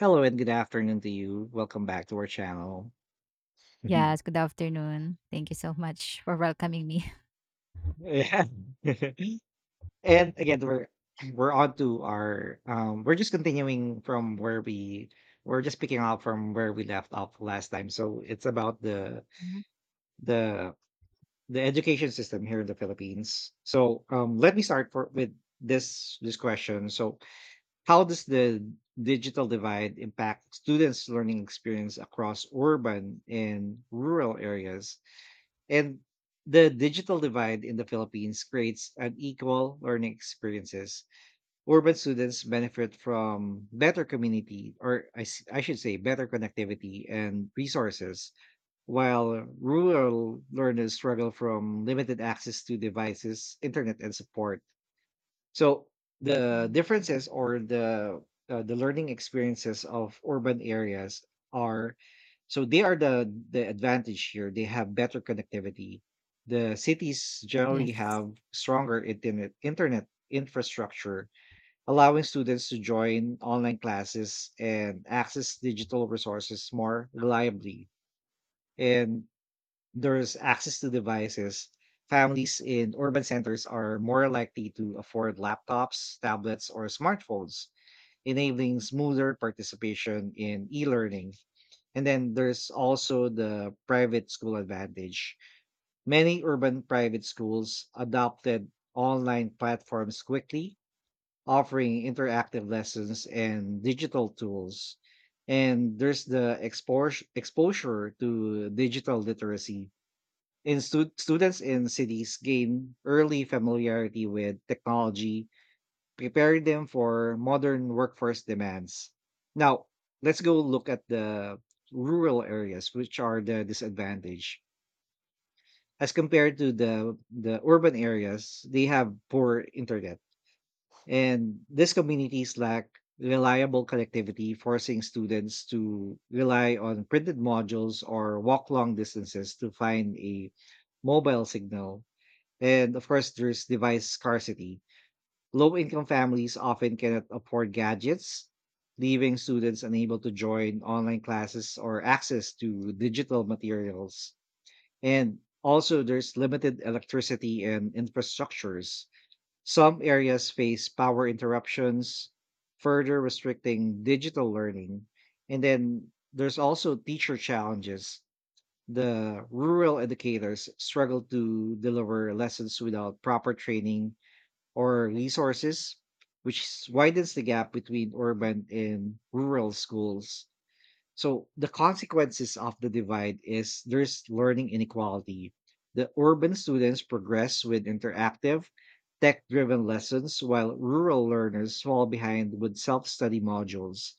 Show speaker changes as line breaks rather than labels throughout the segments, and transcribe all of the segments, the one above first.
Hello and good afternoon to you. Welcome back to our channel.
Yes, good afternoon. Thank you so much for welcoming me.
Yeah. And again, we're on to our we're just continuing from where we're just picking up from where we left off last time. So it's about
Mhm,
the the education system here in the Philippines. So let me start for with this question. So how does the digital divide impact students' learning experience across urban and rural areas? And the digital divide in the Philippines creates unequal learning experiences. Urban students benefit from better community, or I should say, better connectivity and resources, while rural learners struggle from limited access to devices, internet, and support. So the
mhm.
differences or the learning experiences of urban areas are so they are the advantage here. They have better connectivity. The cities generally
Yes.
have stronger internet infrastructure, allowing students to join online classes and access digital resources more reliably. And there's access to devices. Families in urban centers are more likely to afford laptops, tablets, or smartphones, enabling smoother participation in e learning. And then there's also the private school advantage. Many urban private schools adopted online platforms quickly, offering interactive lessons and digital tools. And there's the exposure to digital literacy in students in cities gain early familiarity with technology, preparing them for modern workforce demands. Now, let's go look at the rural areas, which are the disadvantage. As compared to the urban areas, they have poor internet. And these communities lack reliable connectivity, forcing students to rely on printed modules or walk long distances to find a mobile signal. And of course, there's device scarcity. Low income families often cannot afford gadgets, leaving students unable to join online classes or access to digital materials. And also, there's limited electricity and infrastructures. Some areas face power interruptions, further restricting digital learning. And then there's also teacher challenges. The rural educators struggle to deliver lessons without proper training or resources, which widens the gap between urban and rural schools. So the consequences of the divide is there's learning inequality. The urban students progress with interactive, tech-driven lessons while rural learners fall behind with self-study modules.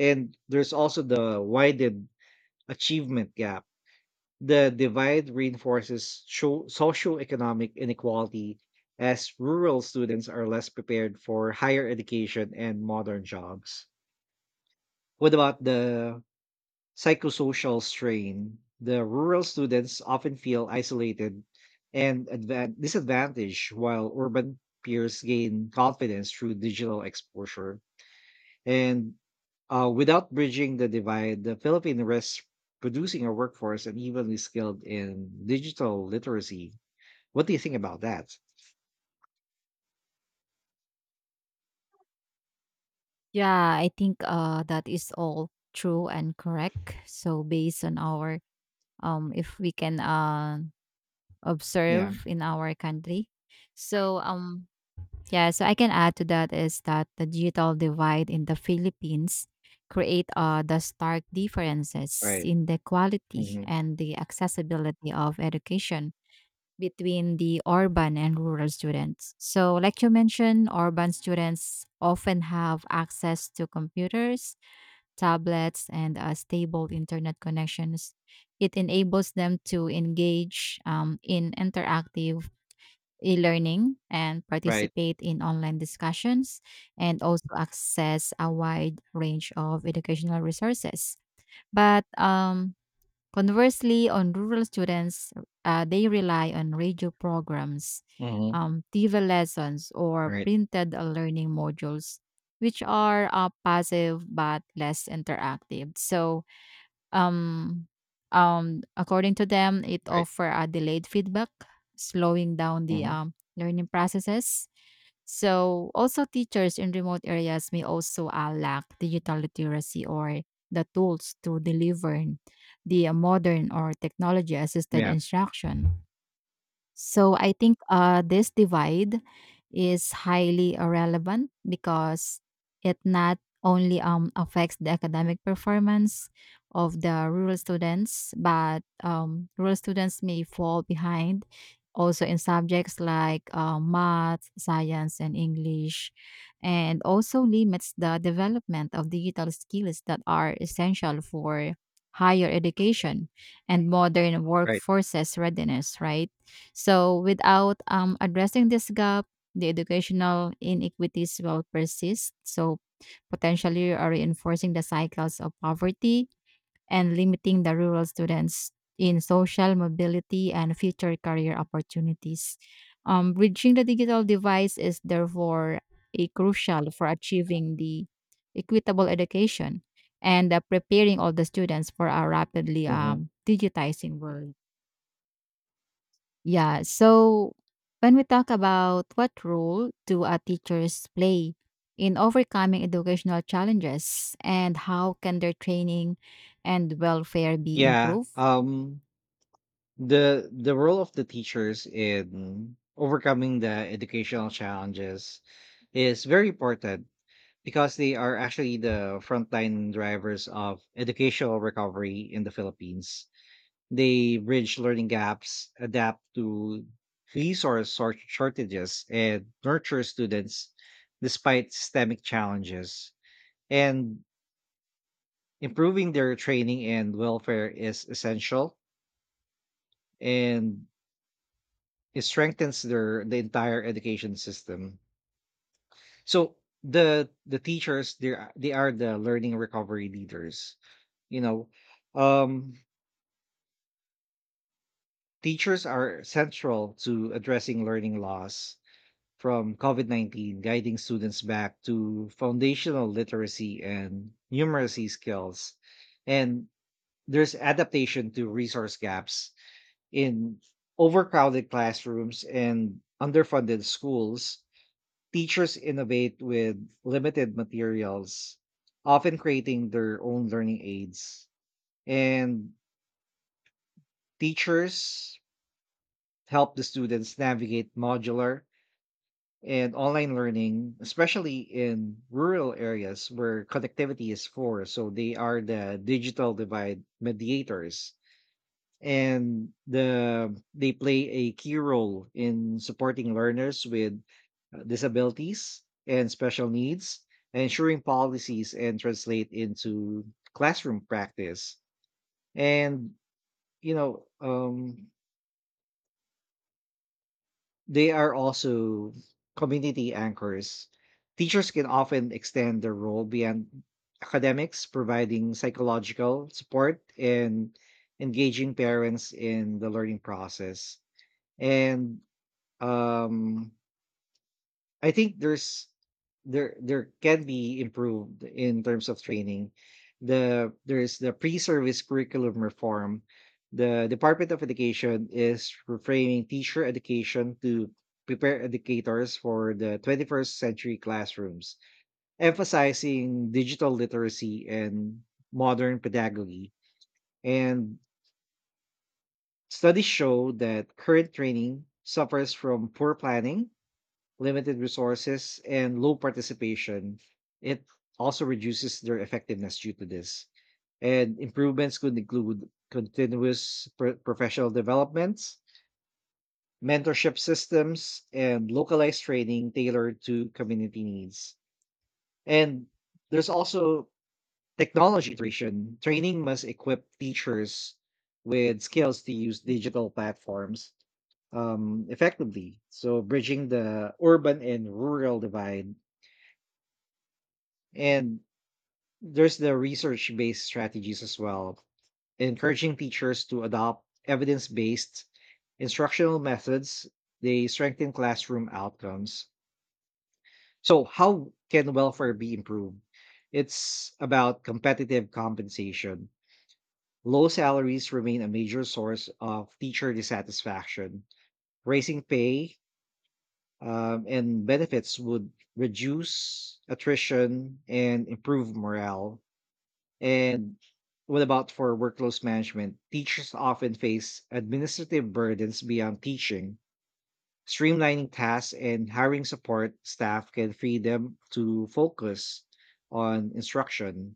And there's also the widened achievement gap. The divide reinforces socioeconomic inequality as rural students are less prepared for higher education and modern jobs. What about the psychosocial strain? The rural students often feel isolated and disadvantaged, while urban peers gain confidence through digital exposure. And without bridging the divide, the Philippines risks producing a workforce unevenly skilled in digital literacy. What do you think about that?
Yeah, I think that is all true and correct. So based on our if we can
Yeah,
observe in our country. So yeah, so I can add to that is that the digital divide in the Philippines create the stark differences
right.
in the quality
Hmm.
and the accessibility of education between the urban and rural students. So, like you mentioned, urban students often have access to computers, tablets, and stable internet connections. It enables them to engage in interactive e learning and
Right.
participate in online discussions and also access a wide range of educational resources. But Conversely, on rural students, they rely on radio programs,
Hmm.
TV lessons, or
Right.
printed learning modules, which are passive but less interactive. So, um, according to them, it
Right.
offer a delayed feedback, slowing down the
Hmm.
learning processes. So, also teachers in remote areas may also lack digital literacy or the tools to deliver the modern or technology assisted
Yeah,
instruction. So I think this divide is highly irrelevant because it not only affects the academic performance of the rural students, but rural students may fall behind also in subjects like math, science, and English, and also limits the development of digital skills that are essential for higher education and modern
right.
workforces readiness, right? So without addressing this gap, the educational inequities will persist. So potentially are reinforcing the cycles of poverty and limiting the rural students in social mobility and future career opportunities. Bridging the digital device is therefore a crucial for achieving the equitable education and preparing all the students for a rapidly
Hmm.
digitizing world. Yeah. So when we talk about what role do our teachers play in overcoming educational challenges and how can their training and welfare be
Yeah.
improved?
The role of the teachers in overcoming the educational challenges is very important, because they are actually the frontline drivers of educational recovery in the Philippines. They bridge learning gaps, adapt to resource shortages, and nurture students despite systemic challenges. And improving their training and welfare is essential, and it strengthens the entire education system. So the teachers, they are the learning recovery leaders. You know, um, Teachers are central to addressing learning loss from COVID COVID-19, guiding students back to foundational literacy and numeracy skills. And there's adaptation to resource gaps in overcrowded classrooms and underfunded schools. Teachers innovate with limited materials, often creating their own learning aids. And teachers help the students navigate modular and online learning, especially in rural areas where connectivity is poor. So they are the digital divide mediators, and they play a key role in supporting learners with disabilities and special needs, ensuring policies and translate into classroom practice. And you know um, they are also community anchors. Teachers can often extend their role beyond academics, providing psychological support and engaging parents in the learning process. And um I think there can be improved in terms of training. There's the pre-service curriculum reform. The Department of Education is reframing teacher education to prepare educators for the 21st century classrooms, emphasizing digital literacy and modern pedagogy. And studies show that current training suffers from poor planning, limited resources, and low participation. It also reduces their effectiveness due to this. And improvements could include continuous professional developments, mentorship systems, and localized training tailored to community needs. And there's also technology iteration. Training must equip teachers with skills to use digital platforms effectively, so bridging the urban and rural divide. And there's the research based strategies as well, encouraging teachers to adopt evidence based instructional methods. They strengthen classroom outcomes. So, how can welfare be improved? It's about competitive compensation. Low salaries remain a major source of teacher dissatisfaction. Raising pay and benefits would reduce attrition and improve morale. And what about for workload management? Teachers often face administrative burdens beyond teaching. Streamlining tasks and hiring support staff can free them to focus on instruction.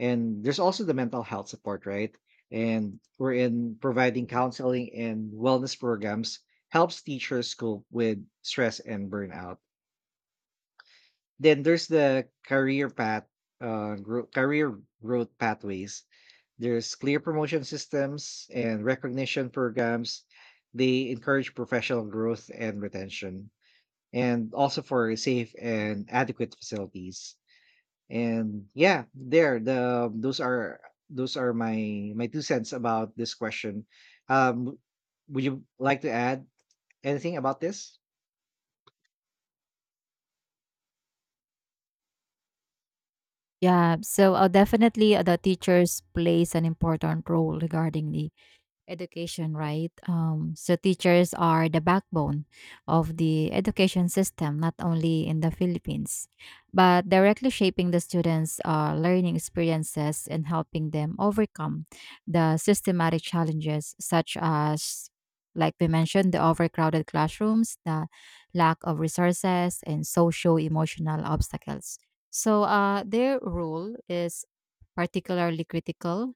And there's also the mental health support, right? And we're in providing counseling and wellness programs helps teachers cope with stress and burnout. Then there's the career path, career growth pathways. There's clear promotion systems and recognition programs. They encourage professional growth and retention, and also for safe and adequate facilities. And yeah, there the those are my two cents about this question. Um, would you like to add anything about this?
Yeah. So definitely the teachers plays an important role regarding the education, right? So teachers are the backbone of the education system, not only in the Philippines, but directly shaping the students' learning experiences and helping them overcome the systematic challenges such as, like we mentioned, the overcrowded classrooms, the lack of resources, and socio emotional obstacles. So their role is particularly critical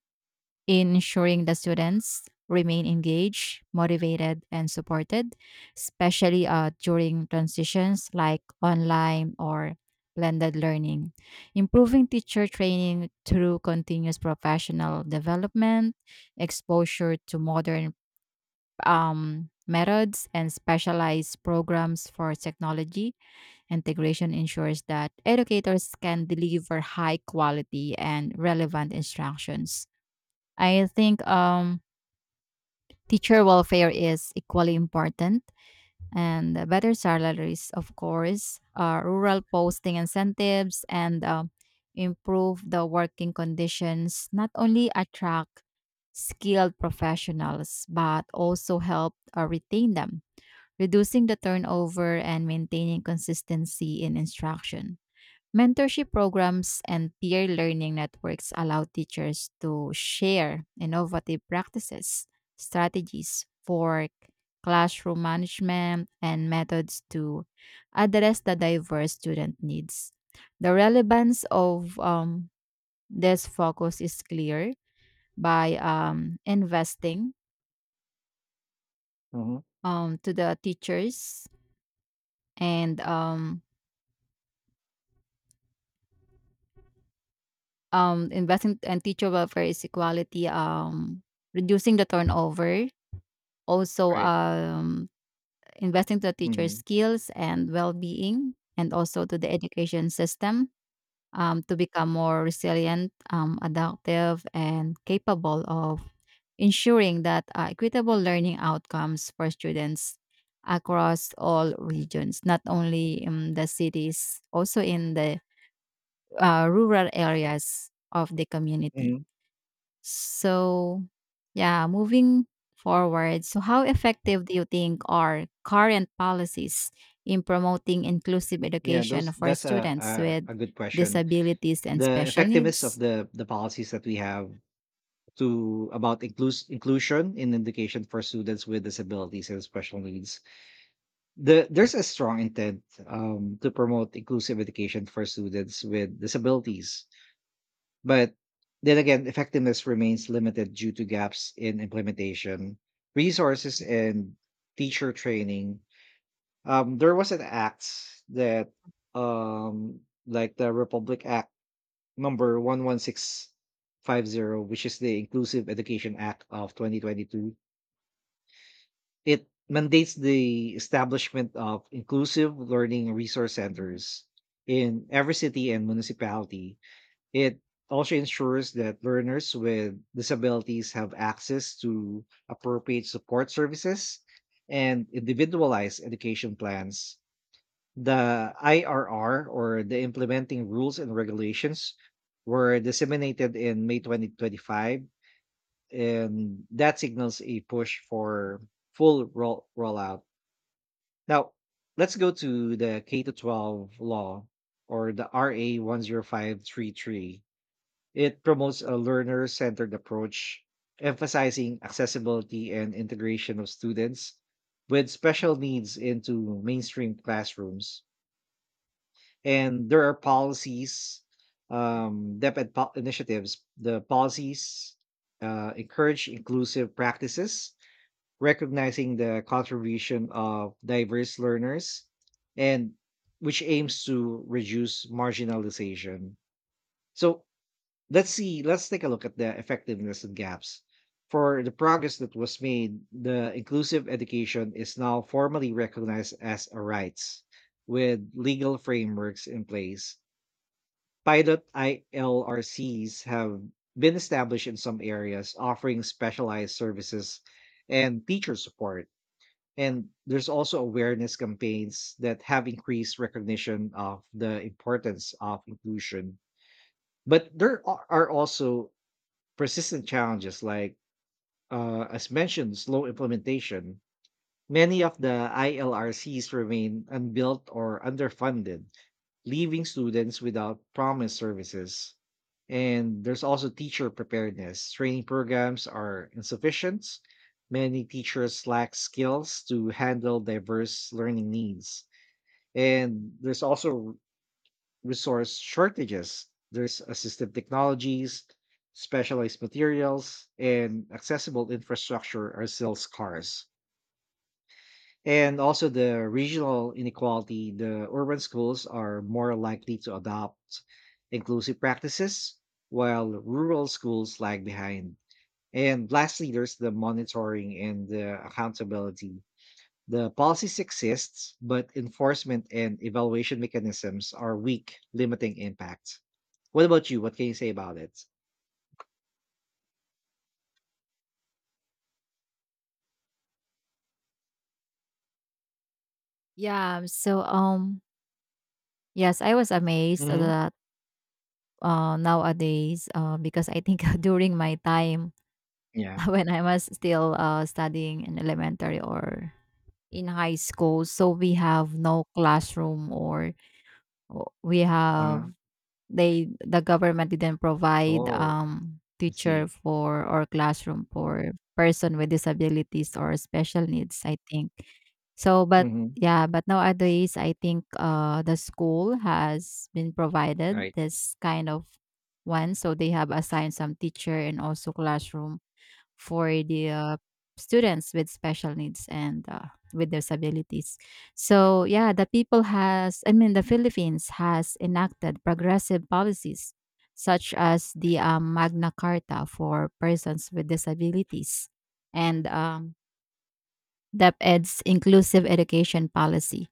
in ensuring the students remain engaged, motivated, and supported, especially during transitions like online or blended learning. Improving teacher training through continuous professional development, exposure to modern methods, and specialized programs for technology integration ensures that educators can deliver high quality and relevant instructions. I think teacher welfare is equally important and better salaries, of course, rural posting incentives and improve the working conditions not only attract skilled professionals but also help retain them, reducing the turnover and maintaining consistency in instruction. Mentorship programs and peer learning networks allow teachers to share innovative practices, strategies for classroom management, and methods to address the diverse student needs. The relevance of this focus is clear by investing
Mm-hmm. All
to the teachers and investing and teacher welfare is equality, reducing the turnover. Also,
right.
investing to teachers'
Mm-hmm.
skills and well being, and also to the education system to become more resilient, adaptive, and capable of ensuring that equitable learning outcomes for students across all regions, not only in the cities, also in the rural areas of the community.
Mm-hmm.
So, yeah, moving forward, so how effective do you think are current policies in promoting inclusive
Yeah, those
education for
that's
students
a,
with
a a good question.
disabilities and
The
special
effectiveness of
needs?
the policies that we have to about inclusion in education for students with disabilities and special needs. There's a strong intent to promote inclusive education for students with disabilities, but then again, effectiveness remains limited due to gaps in implementation, resources, and teacher training. There was an act that um, like the Republic Act number 11650, which is the Inclusive Education Act of 2022. It mandates the establishment of inclusive learning resource
Mhm.
centers in every city and municipality. It also ensures that learners with disabilities have access to appropriate support services and individualized education plans. The IRR, or the Implementing Rules and Regulations, were disseminated in May 2025, and that signals a push for full rollout. Now, let's go to the K to 12 law, or the RA 10533. It promotes a learner centered approach, emphasizing accessibility and integration of students with special needs into mainstream classrooms. And there are policies, DepEd initiatives. The policies encourage inclusive practices, recognizing the contribution of diverse learners, and which aims to reduce marginalization. So let's take a look at the effectiveness and gaps. For the progress that was made, the inclusive education is now formally recognized as a rights with legal frameworks in place. Pilot ILRCs have been established in some areas, offering specialized services and teacher support. And there's also awareness campaigns that have increased recognition of the importance of inclusion. But there are also persistent challenges, like, as mentioned, slow implementation. Many of the ILRCs remain unbuilt or underfunded, leaving students without promised services. And there's also teacher preparedness. Training programs are insufficient. Many teachers lack skills to handle diverse learning needs. And there's also resource shortages. There's assistive technologies, specialized materials, and accessible infrastructure are still scarce. And also the regional inequality, the urban schools are more likely to adopt inclusive practices, while rural schools lag behind. And lastly, there's the monitoring and the accountability. The policies exist, but enforcement and evaluation mechanisms are weak, limiting impact. What about you? What can you say about it?
Yeah, so yes, I was amazed
Mm-hmm.
that nowadays because I think during my time
Yeah.
when I was still studying in elementary or in high school, so we have no classroom or we
uh
have. The government didn't provide,
Oh, I see.
teacher for or classroom for person with disabilities or special needs, I think. So, but
Mm-hmm.
yeah, but nowadays, I think, the school has been provided
Right.
this kind of one, so they have assigned some teacher and also classroom for the students with special needs and with disabilities. So yeah, the people has I mean, the Philippines has enacted progressive policies such as the Magna Carta for persons with disabilities and DepEd's inclusive education policy,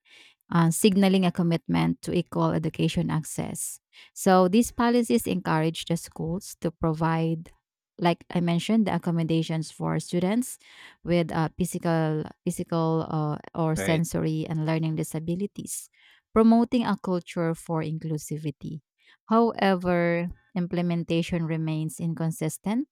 signaling a commitment to equal education access. So these policies encourage the schools to provide, like I mentioned, the accommodations for students with physical, physical or
Right.
sensory and learning disabilities, promoting a culture for inclusivity. However, implementation remains inconsistent,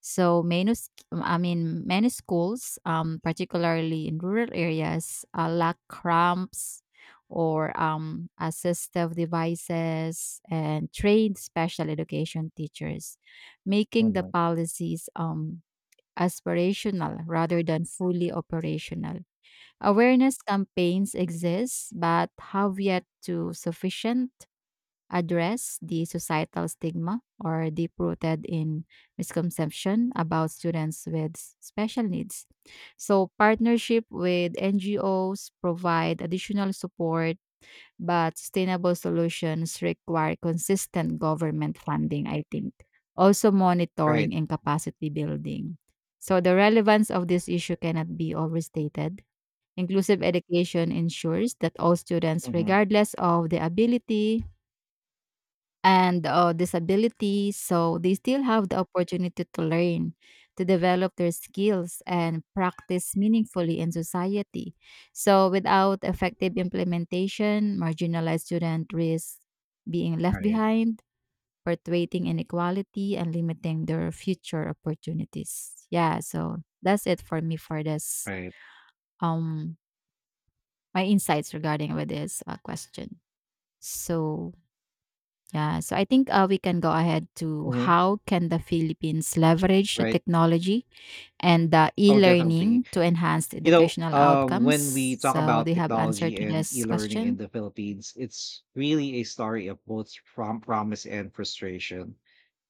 so I mean, many schools, particularly in rural areas, lack ramps or assistive devices and trained special education teachers, making the
Mm-hmm.
policies aspirational rather than fully operational. Awareness campaigns exist, but have yet to sufficient address the societal stigma or deep rooted in misconception about students with special needs. So, partnership with NGOs provide additional support, but sustainable solutions require consistent government funding, I think. Also,
Right.
monitoring and capacity building. So, the relevance of this issue cannot be overstated. Inclusive education ensures that all students,
Mm-hmm.
regardless of the ability, and disabilities, so they still have the opportunity to learn, to develop their skills, and practice meaningfully in society. So, without effective implementation, marginalized students risk being left
Right.
behind, perpetuating inequality, and limiting their future opportunities. Yeah, so that's it for me for this.
Right.
Um, my insights regarding with this question. So yeah, so I think we can go ahead to
Mhm.
how can the Philippines leverage the
Right.
technology and the
Oh, definitely.
e-learning to enhance the educational outcomes?
When we talk
So do
about
you have answer
technology
to
and
this
e-learning in
question?
the Philippines, it's really a story of both from promise and frustration.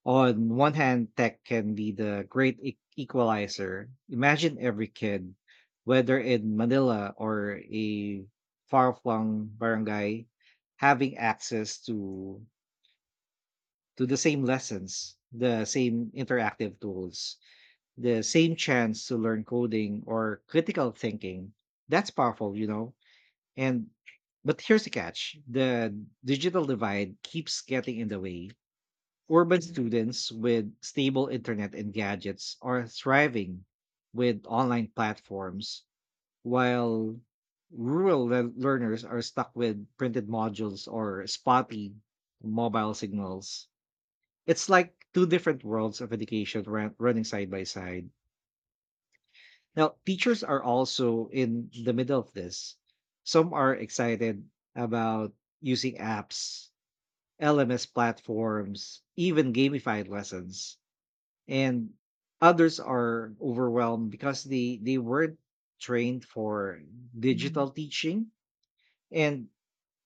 On one hand, tech can be the great equalizer. Imagine every kid, whether in Manila or a far-flung barangay, having access to the same lessons, the same interactive tools, the same chance to learn coding or critical thinking. That's powerful. And But here's the catch. The digital divide keeps getting in the way. Urban students with stable internet and gadgets are thriving with online platforms, while rural learners are stuck with printed modules or spotty mobile signals. It's like two different worlds of education running side by side. Now, teachers are also in the middle of this. Some are excited about using apps, LMS platforms, even gamified lessons. And others are overwhelmed because they weren't trained for
hmm
digital teaching. And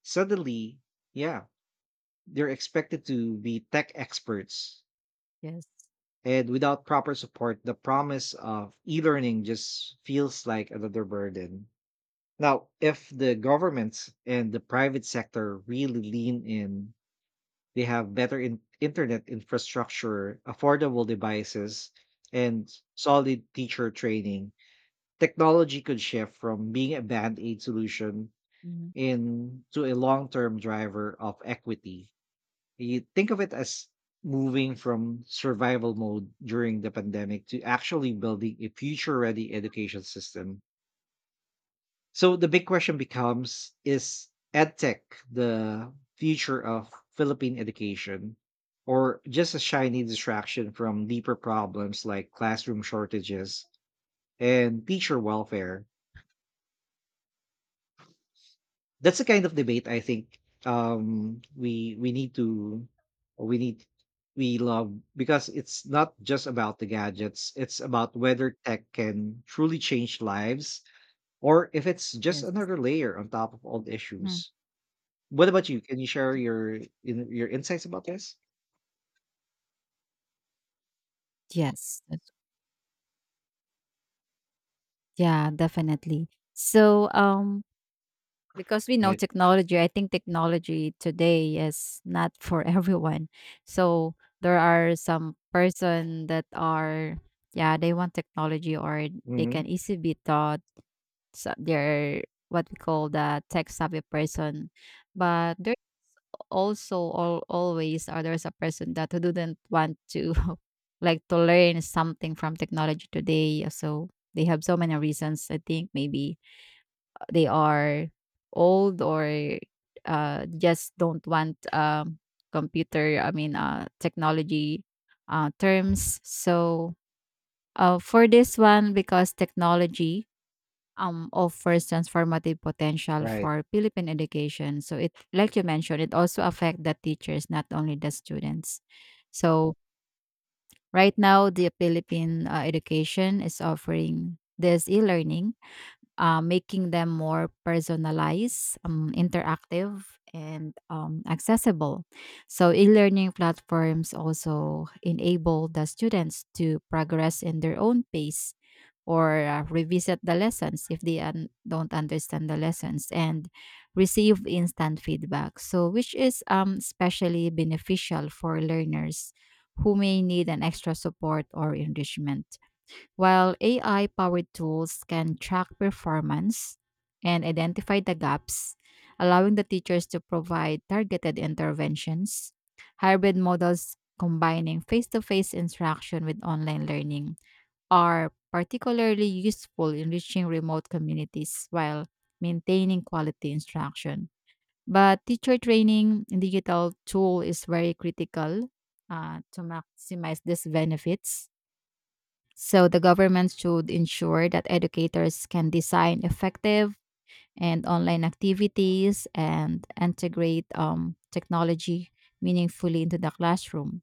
suddenly, yeah, they're expected to be tech experts.
Yes.
And without proper support, the promise of e learning just feels like another burden. Now, if the governments and the private sector really lean in, they have better internet infrastructure, affordable devices, and solid teacher training, technology could shift from being a band aid solution
hmm
into a long term driver of equity. You think of it as moving from survival mode during the pandemic to actually building a future ready education system. So the big question becomes, is edtech the future of Philippine education, or just a shiny distraction from deeper problems like classroom shortages and teacher welfare? That's the kind of debate I think we need to we need we love, because it's not just about the gadgets, it's about whether tech can truly change lives, or if it's just
Yes.
another layer on top of old
Mhm.
issues. What about you? Can you share your in your insights about this?
Yes, that's- Yeah, definitely. So um because we know
Right.
technology, I think technology today is not for everyone, so there are some person that are, yeah, they want technology or they
Mhm.
can easily be taught, so they're what we call the tech savvy person. But there also always are, there's a person that who didn't want to like to learn something from technology today, so they have so many reasons. I think maybe they are old or just don't want computer, I mean, technology terms. So for this one, because technology offers transformative potential
Right.
for Philippine education, so, it like you mentioned, it also affect the teachers, not only the students. So right now, the Philippine education is offering this e-learning, making them more personalized, interactive, and accessible. So, e learning platforms also enable the students to progress in their own pace or revisit the lessons if they don't understand the lessons and receive instant feedback. So, which is especially beneficial for learners who may need an extra support or enrichment. While AI powered tools can track performance and identify the gaps, allowing the teachers to provide targeted interventions, hybrid models combining face to face instruction with online learning are particularly useful in reaching remote communities while maintaining quality instruction. But teacher training in digital tool is very critical to maximize these benefits, so the government should ensure that educators can design effective and online activities and integrate technology meaningfully into the classroom.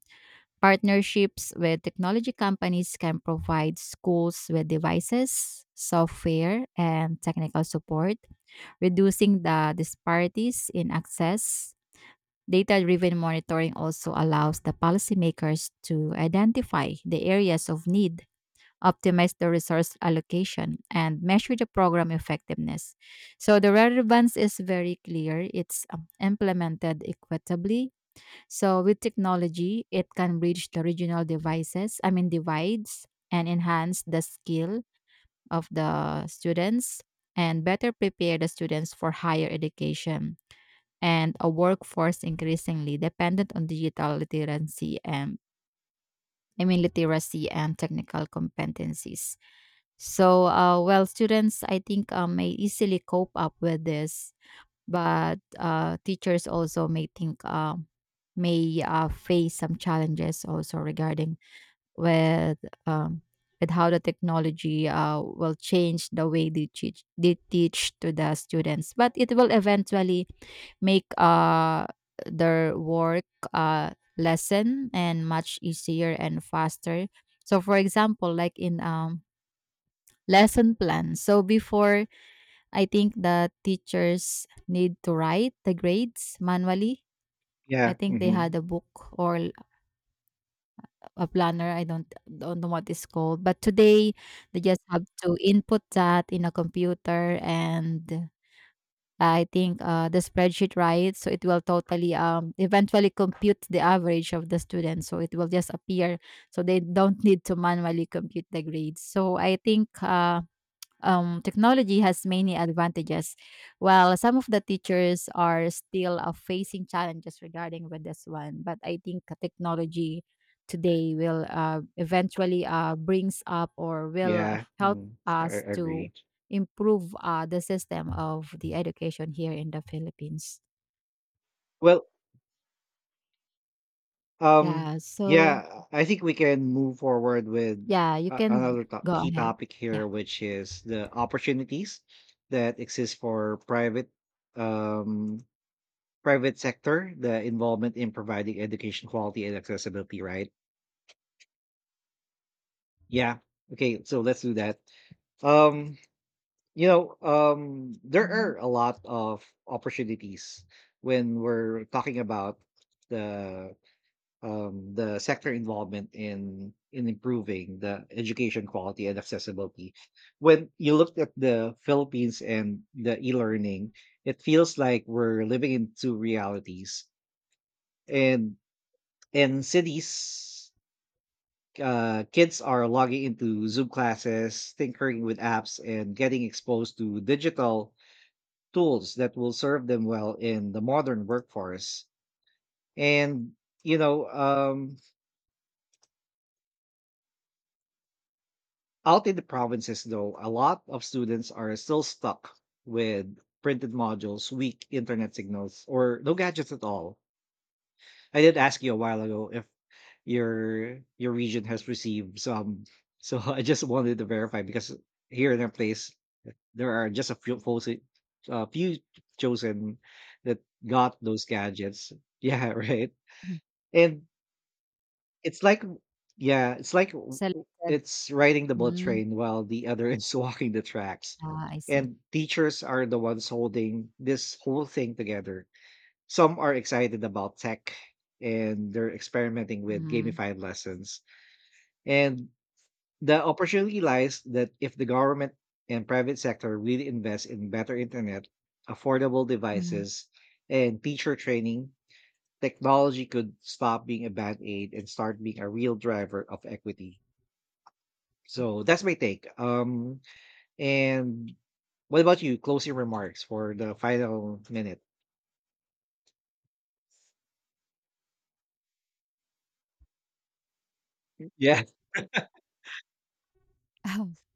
Partnerships with technology companies can provide schools with devices, software, and technical support, reducing the disparities in access. Data driven monitoring also allows the policymakers to identify the areas of need, optimize the resource allocation, and measure the program effectiveness. So the relevance is very clear. It's implemented equitably. So with technology, it can bridge the regional devices, I mean divides, and enhance the skill of the students and better prepare the students for higher education and a workforce increasingly dependent on digital literacy and, I mean, literacy and technical competencies. So, well, students, I think may easily cope up with this, but teachers also may think may face some challenges also regarding with um, with how the technology will change the way they teach to the students, but it will eventually make their work uh, lesson and much easier and faster. So, for example, like in lesson plan. So before, I think the teachers need to write the grades manually. I
Yeah.
think they had
Mhm.
a book or a planner, I don't know what it's called, but today they just have to input that in a computer and I think, the spreadsheet, right? So it will totally, eventually compute the average of the students, so it will just appear, so they don't need to manually compute the grades. So I think, technology has many advantages, while some of the teachers are still facing challenges regarding with this one. But I think technology today will eventually brings up or will
Yeah.
help
Mhm. I
us to
agree.
improve the system of the education here in the Philippines.
Well, um,
Yeah. So
yeah, I think we can move forward with
yeah, you can
another
go
key
ahead.
topic
Yeah.
here, which is the opportunities that exist for private, um private sector, the involvement in providing education quality and accessibility, right? Yeah. Okay, so let's do that. Um there
Mm-hmm.
are a lot of opportunities when we're talking about the the sector involvement in improving the education quality and accessibility. When you look at the Philippines and the e-learning, it feels like we're living in two realities. And in cities, kids are logging into Zoom classes, tinkering with apps, and getting exposed to digital tools that will serve them well in the modern workforce. And, you know, um, out in the provinces, though, a lot of students are still stuck with printed modules, weak internet signals, or no gadgets at all. I did ask you a while ago if your region has received some. So I just wanted to verify because here in our place, there are just a few folks, a few chosen that got those gadgets. Yeah, right.
Mm-hmm.
And it's like, w w
Selected.
it's riding the bullet
Mm,
train while the other is walking the tracks.
ah, I see.
And teachers are the ones holding this whole thing together. Some are excited about tech and they're experimenting with
Mm-hmm.
gamified lessons. And the opportunity lies that if the government and private sector really invest in better internet, affordable devices, and teacher training, technology could stop being a band aid and start being a real driver of equity. So that's my take. And what about you? Closing remarks for the final minute. Yeah.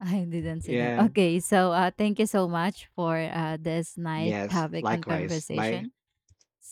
I didn't see them.
Yeah.
Okay, so thank you so much for this nice
Yes,
topic and
likewise. Bye.
conversation.